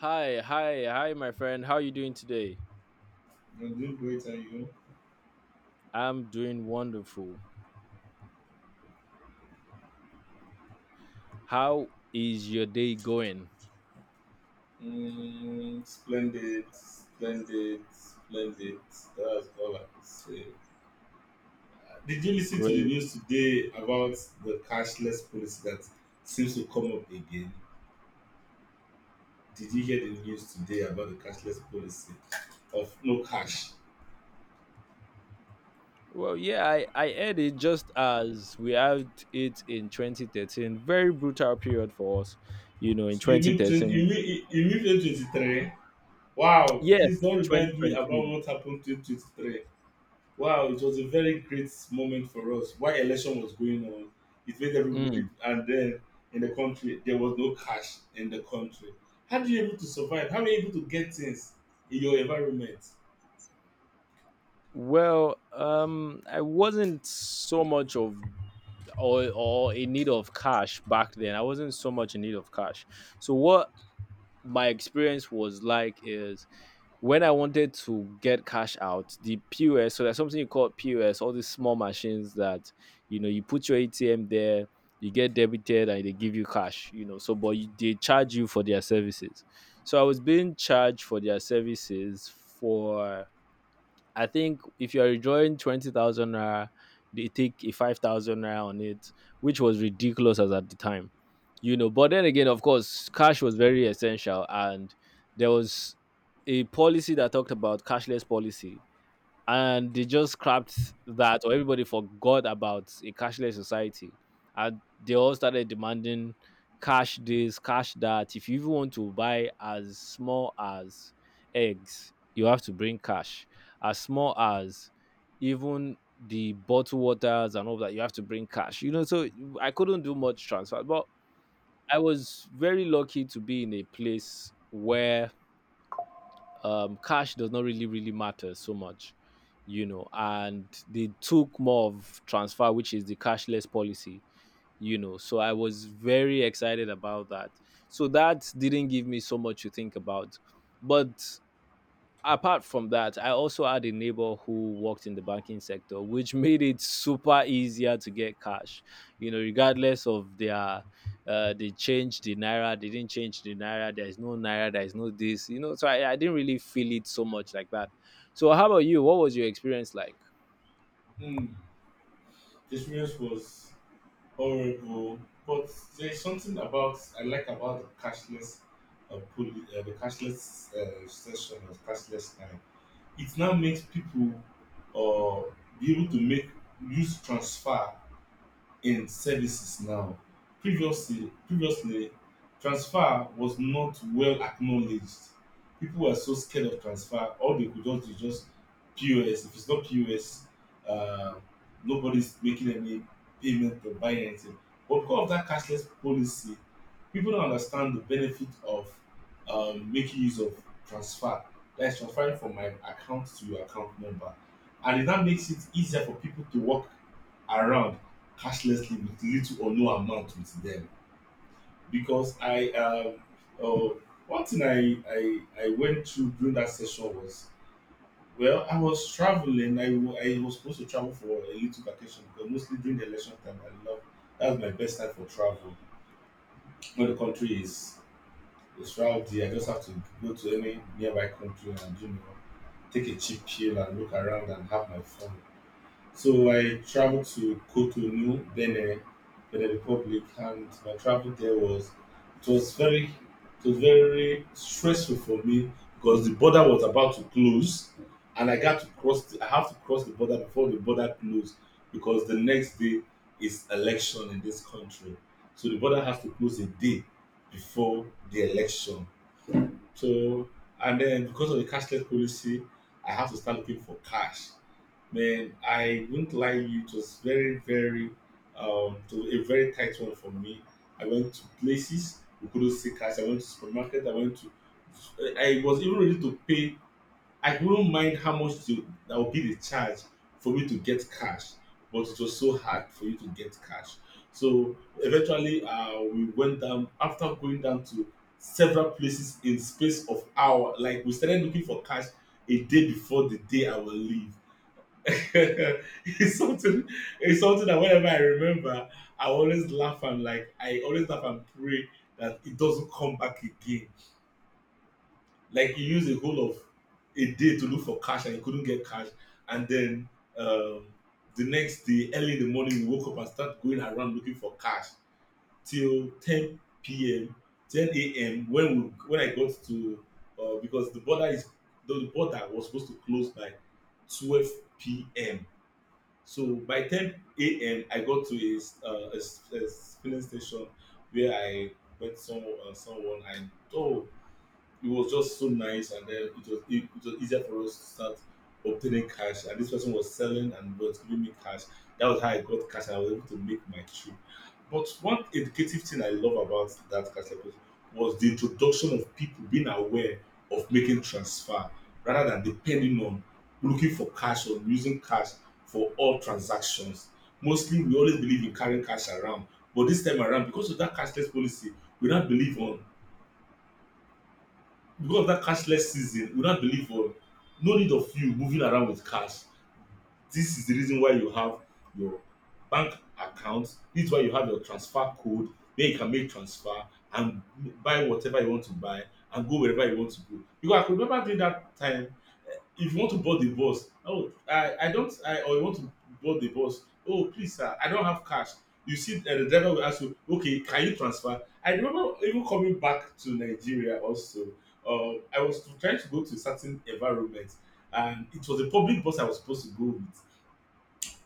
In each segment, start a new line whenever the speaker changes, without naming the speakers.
Hi, hi, hi, my friend. How are you doing today?
You're doing great, and you?
I'm doing wonderful. How is your day going?
Mm, splendid, splendid, splendid. That's all I can say. Did you listen to the
Great.
news today about the cashless policy that seems to come up again? Did you hear the news today about the cashless policy of no cash?
Well, yeah, I had it just as we had it in 2013. Very brutal period for us, you know, in
You mean 20, you
2013.
mean 2023? Wow,
Yes,
please don't remind me about
2023.
what happened in 2023. Wow, it was a very great moment for us. While election was going on, it made everybody, it,
Mm.
and then in the country, there was no cash in the country. How do you able to survive? How are you able to get things in your environment?
Well, I wasn't so much of or in need of cash back then. I wasn't so much in need of cash. So what my experience was like is when I wanted to get cash out, the POS, so there's something you call POS, all these small machines that, you know, you put your ATM there, you get debited and they give you cash, you know, so, but you, they charge you for their services. So I was being charged for their services for I think if you're withdrawing 20,000 naira, they take a 5,000 naira on it, which was ridiculous as at the time, you know. But then again, of course, cash was very essential, and there was a policy that talked about cashless policy, and they just scrapped that or everybody forgot about a cashless society, and they all started demanding cash this cash that. If you even want to buy as small as eggs, you have to bring cash, as small as even the bottled waters and all that, you have to bring cash, you know. So I couldn't do much transfer, but I was very lucky to be in a place where cash does not really matter so much, you know. And they took more of transfer, which is the cashless policy, you know. So I was very excited about that. So that didn't give me so much to think about, but apart from that, I also had a neighbor who worked in the banking sector, which made it super easier to get cash. You know, regardless of their, they changed the naira, they didn't change the naira. There is no naira, there is no this. You know, so I didn't really feel it so much like that. So, how about you? What was your experience like?
Hmm, the experience was horrible, but there's something about I like about the cashless, the cashless session or cashless time. It now makes people uh, be able to make use transfer in services now. Previously, transfer was not well acknowledged. People were so scared of transfer. All they could just do is just POS. If it's not POS, uh, nobody's making any payment or buying anything. But because of that cashless policy, people don't understand the benefit of making use of transfer. That is transferring from my account to your account number. And that makes it easier for people to work around cashlessly with little or no amount with them because I uh, one thing I went through during that session was well I was traveling I was supposed to travel for a little vacation because mostly during the election time I love that's my best time for travel when the country is rowdy I just have to go to any nearby country and you know take a cheap pill and look around and have my fun. So I traveled to Cotonou, Benin, Benin Republic, and my travel there was it was very it was very stressful for me because the border was about to close, and I got to cross. I have to cross the border before the border closed because the next day is election in this country, so the border has to close a day before the election. So and then because of the cashless policy, I have to start looking for cash. Man, I wouldn't lie, you. It was very, very, it was a very tight one for me. I went to places we couldn't see cash. I went to supermarket. I went to, I was even ready to pay. I wouldn't mind how much to, that would be the charge for me to get cash, but it was so hard for you to get cash. So eventually, we went down after going down to several places in space of hour. Like we started looking for cash a day before the day I will leave. it's something it's something that whenever I remember, I always laugh and I always laugh and pray that it doesn't come back again. Like you use a whole of a day to look for cash and you couldn't get cash, and then um, the next day early in the morning you woke up and start going around looking for cash till 10 p.m. 10 a.m. When I got to because the border was supposed to close by 12 p.m. So by 10 a.m., I got to a filling station where I met someone, oh, it was just so nice and then it was easier for us to start obtaining cash and this person was selling and was giving me cash. That was how I got cash and I was able to make my trip. But one educative thing I love about that cash service was the introduction of people being aware of making transfer rather than depending on looking for cash or using cash for all transactions. Mostly we always believe in carrying cash around, but this time around because of that cashless policy we now believe on, because of that cashless season, we don't believe on no need of you moving around with cash. This is the reason why you have your bank account. This is why you have your transfer code where you can make transfer and buy whatever you want to buy and go wherever you want to go. Because I could remember during that time, if you want to board the bus, oh I don't I or you want to board the bus, oh please sir I don't have cash, you see, the driver will ask you okay can you transfer. I remember even coming back to Nigeria also, I was trying to go to a certain environment and it was a public bus I was supposed to go with.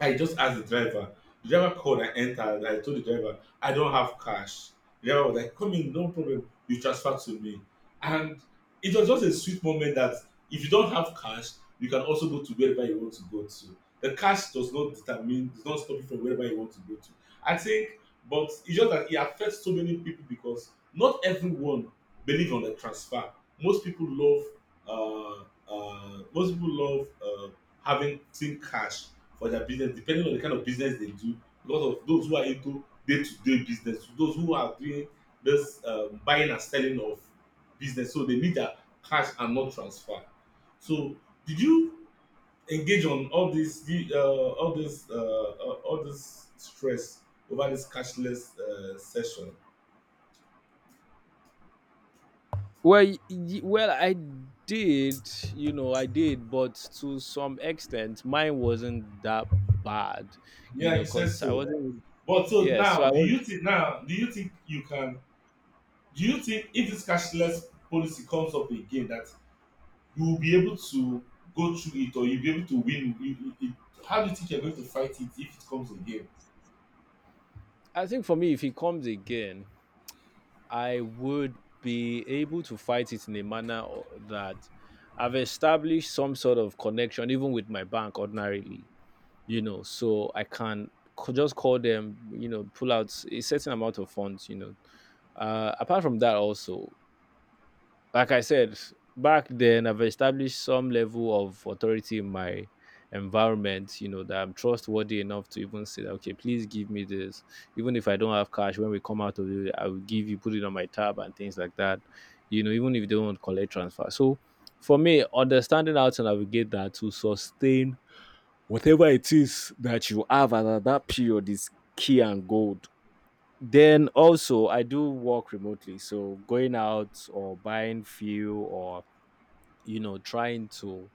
I just asked the driver. The driver called and entered. I told the driver, I don't have cash. The driver was like, come in, no problem. You transfer to me. And it was just a sweet moment that if you don't have cash, you can also go to wherever you want to go to. The cash does not determine, does not stop you from wherever you want to go to. I think, but it's just that it affects so many people because not everyone believe on the transfer. Most people love, uh, uh, most people love uh, having seen cash for their business depending on the kind of business they do because of those who are into day-to-day business, those who are doing this buying and selling of business, so they need their cash and not transfer. So did you engage on all this all this stress over this cashless session?
Well, well, I did, you know, I did, but to some extent, mine wasn't that bad, you
Yeah you
know,
said
because I
so.
wasn't,
But so
yeah, so
now
I
do you
was
think, now do you think you can, do you think if this cashless policy comes up again that you will be able to go through it or you'll be able to win. How do you think you're going to fight it if it comes again?
I think for me, if he comes again, I would be able to fight it in a manner that I've established some sort of connection, even with my bank ordinarily, you know, so I can just call them, you know, pull out a certain amount of funds, you know. Apart from that, also, like I said, back then I've established some level of authority in my environment, you know, that I'm trustworthy enough to even say that, okay, please give me this. Even if I don't have cash, when we come out of it, I will give you, put it on my tab and things like that. You know, even if they don't collect transfer. So for me, understanding how to navigate that to sustain whatever it is that you have at that period is key and gold. Then also, I do work remotely, so going out or buying fuel or you know trying to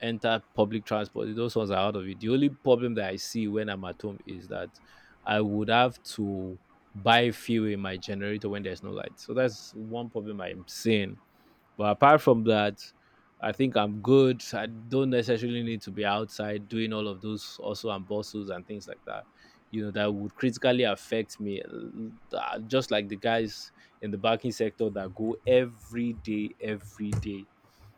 enter public transport, those ones are out of it. The only problem that I see when I'm at home is that I would have to buy fuel in my generator when there's no light. So that's one problem I'm seeing, but apart from that, I think I'm good. I don't necessarily need to be outside doing all of those also and bustles and things like that. You know, that would critically affect me. Just like the guys in the banking sector that go every day, every day.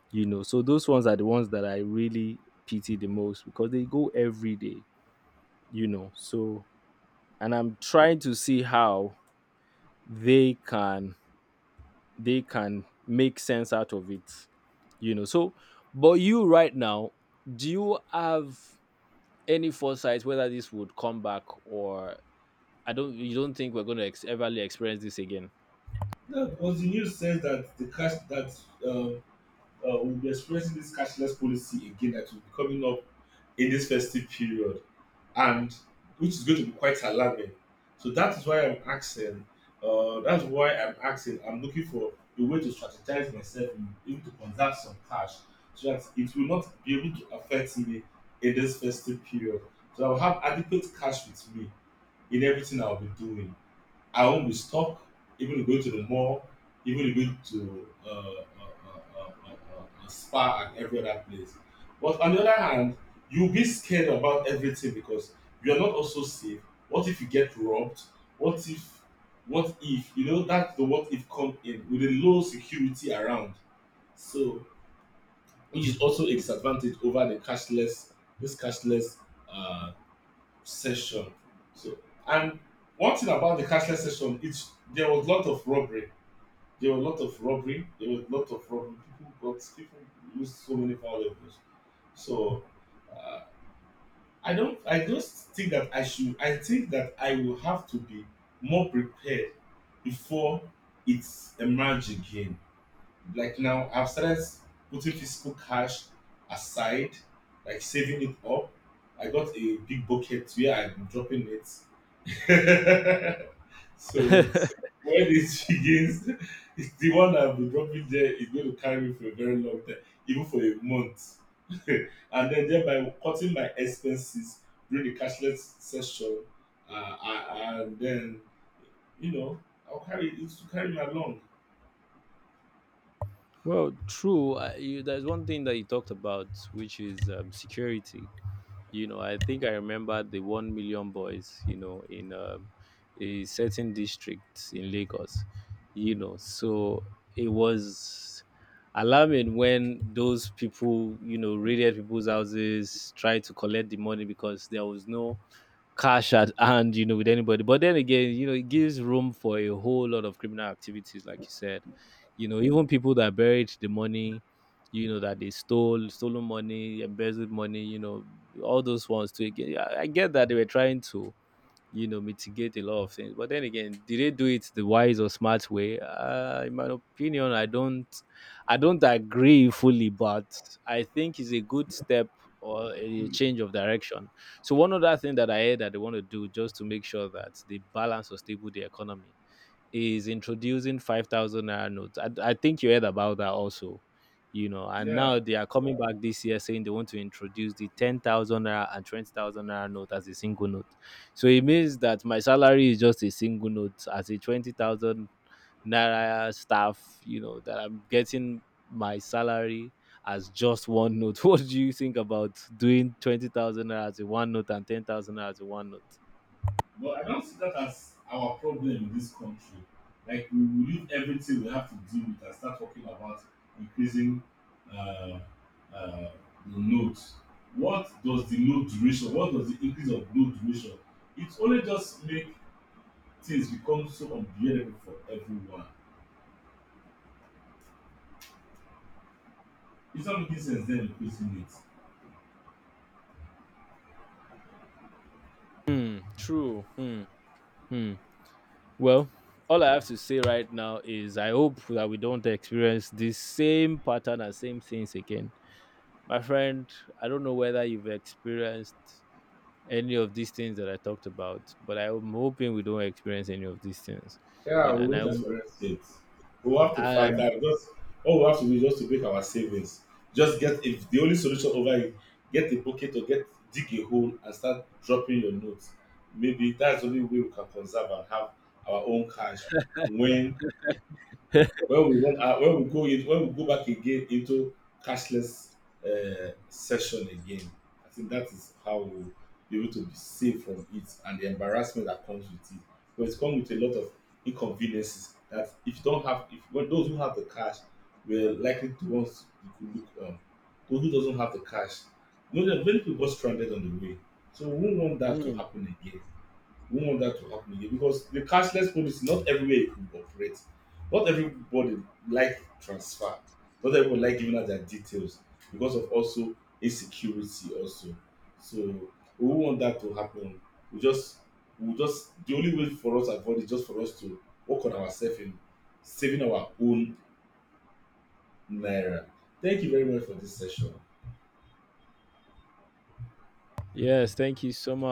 You know, so those ones are the ones that I really pity the most because they go every day. You know, so and I'm trying to see how they can they can make sense out of it, you know. So but you right now, do you have any foresight whether this would come back or I don't, you don't think we're going to ever really experience this again?
No, because the news says that the cash that uh, we'll be experiencing this cashless policy again that will be coming up in this festive period. And which is going to be quite alarming. So that is why I'm asking. That's why I'm asking. I'm looking for a way to strategize myself, in- even to conserve some cash, so that it will not be able to affect me in this festive period. So I'll have adequate cash with me in everything I'll be doing. I won't be stuck. Even going to the mall, even going to a spa and every other place. But on the other hand, you'll be scared about everything because you are not also safe. What if you get robbed? What if, what if, you know, that's the what if come in with a low security around. So, which is also a disadvantage over the cashless, this cashless uh, session. So, and one thing about the cashless session, it's there was a lot of robbery. There was a lot of robbery. There was a lot of robbery. People got people used so many valuables. So uh, I don't. I just think that I should. I think that I will have to be more prepared before it's emerge again. Like now, I've started putting physical cash aside, like saving it up. I got a big bucket where I'm dropping it so when it begins, it's the one I'll be dropping there is going to carry me for a very long time, even for a month. And then thereby cutting my expenses during the cashless session, uh, I, and then you know I'll carry it to carry me along.
Well, true. I, you, there's one thing that you talked about, which is security. You know, I think I remember the 1 million boys, you know, in a certain district in Lagos, you know. So it was alarming when those people, you know, raided people's houses, tried to collect the money because there was no cash at hand, you know, with anybody. But then again, you know, it gives room for a whole lot of criminal activities like you said, you know, even people that buried the money, you know, that they stole, stolen money, embezzled money, you know, all those ones too. Again, I get that they were trying to, you know, mitigate a lot of things, but then again, did they do it the wise or smart way? In my opinion, I don't agree fully, but I think it's a good step or a change of direction. So one other thing that I heard that they want to do just to make sure that they balance or stable the economy is introducing 5,000 naira notes. I think you heard about that also, you know. And
Yeah.
now they are coming back this year saying they want to introduce the 10,000 naira and 20,000 naira note as a single note. So it means that my salary is just a single note as a 20,000 naira staff, you know, that I'm getting my salary as just one note. What do you think about doing 20,000 naira as a one note and 10,000 naira as a one note?
But I don't see that as our problem in this country. Like we will leave everything we have to deal with and start talking about increasing uh, uh, the load. What does the load duration? What does the increase of load duration? It only just make things become so unbearable for everyone. It's not making sense then increasing it.
Hmm, true. Hmm. Hmm. Well, all I have to say right now is I hope that we don't experience the same pattern and same things again. My friend, I don't know whether you've experienced any of these things that I talked about, but I'm hoping we don't experience any of these things. You
Yeah,
know,
we
and
won't experience it. We'll have to
I,
fight out. Just all we have to do is just to make our savings. Just get if the only solution over it, get a bucket or get dig a hole and start dropping your notes. Maybe that's the only way we can conserve and have our own cash when when we want when we go in, when we go back again into cashless session again. I think that is how we will be able to be safe from it and the embarrassment that comes with it, but it come with a lot of inconveniences that if you don't have if well, those who have the cash were likely the ones you could look on. Those who doesn't have the cash, you know there are many people got stranded on the way. So we won't want that to happen again. We don't want that to happen again because the cashless policy, not everywhere it could operate. Not everybody like transfer. Not everybody like giving out their details because of also insecurity also. So we won't want that to happen. We just we just the only way for us to avoid is just for us to work on ourselves in saving our own naira. Thank you very much for this session.
yes, thank you so much.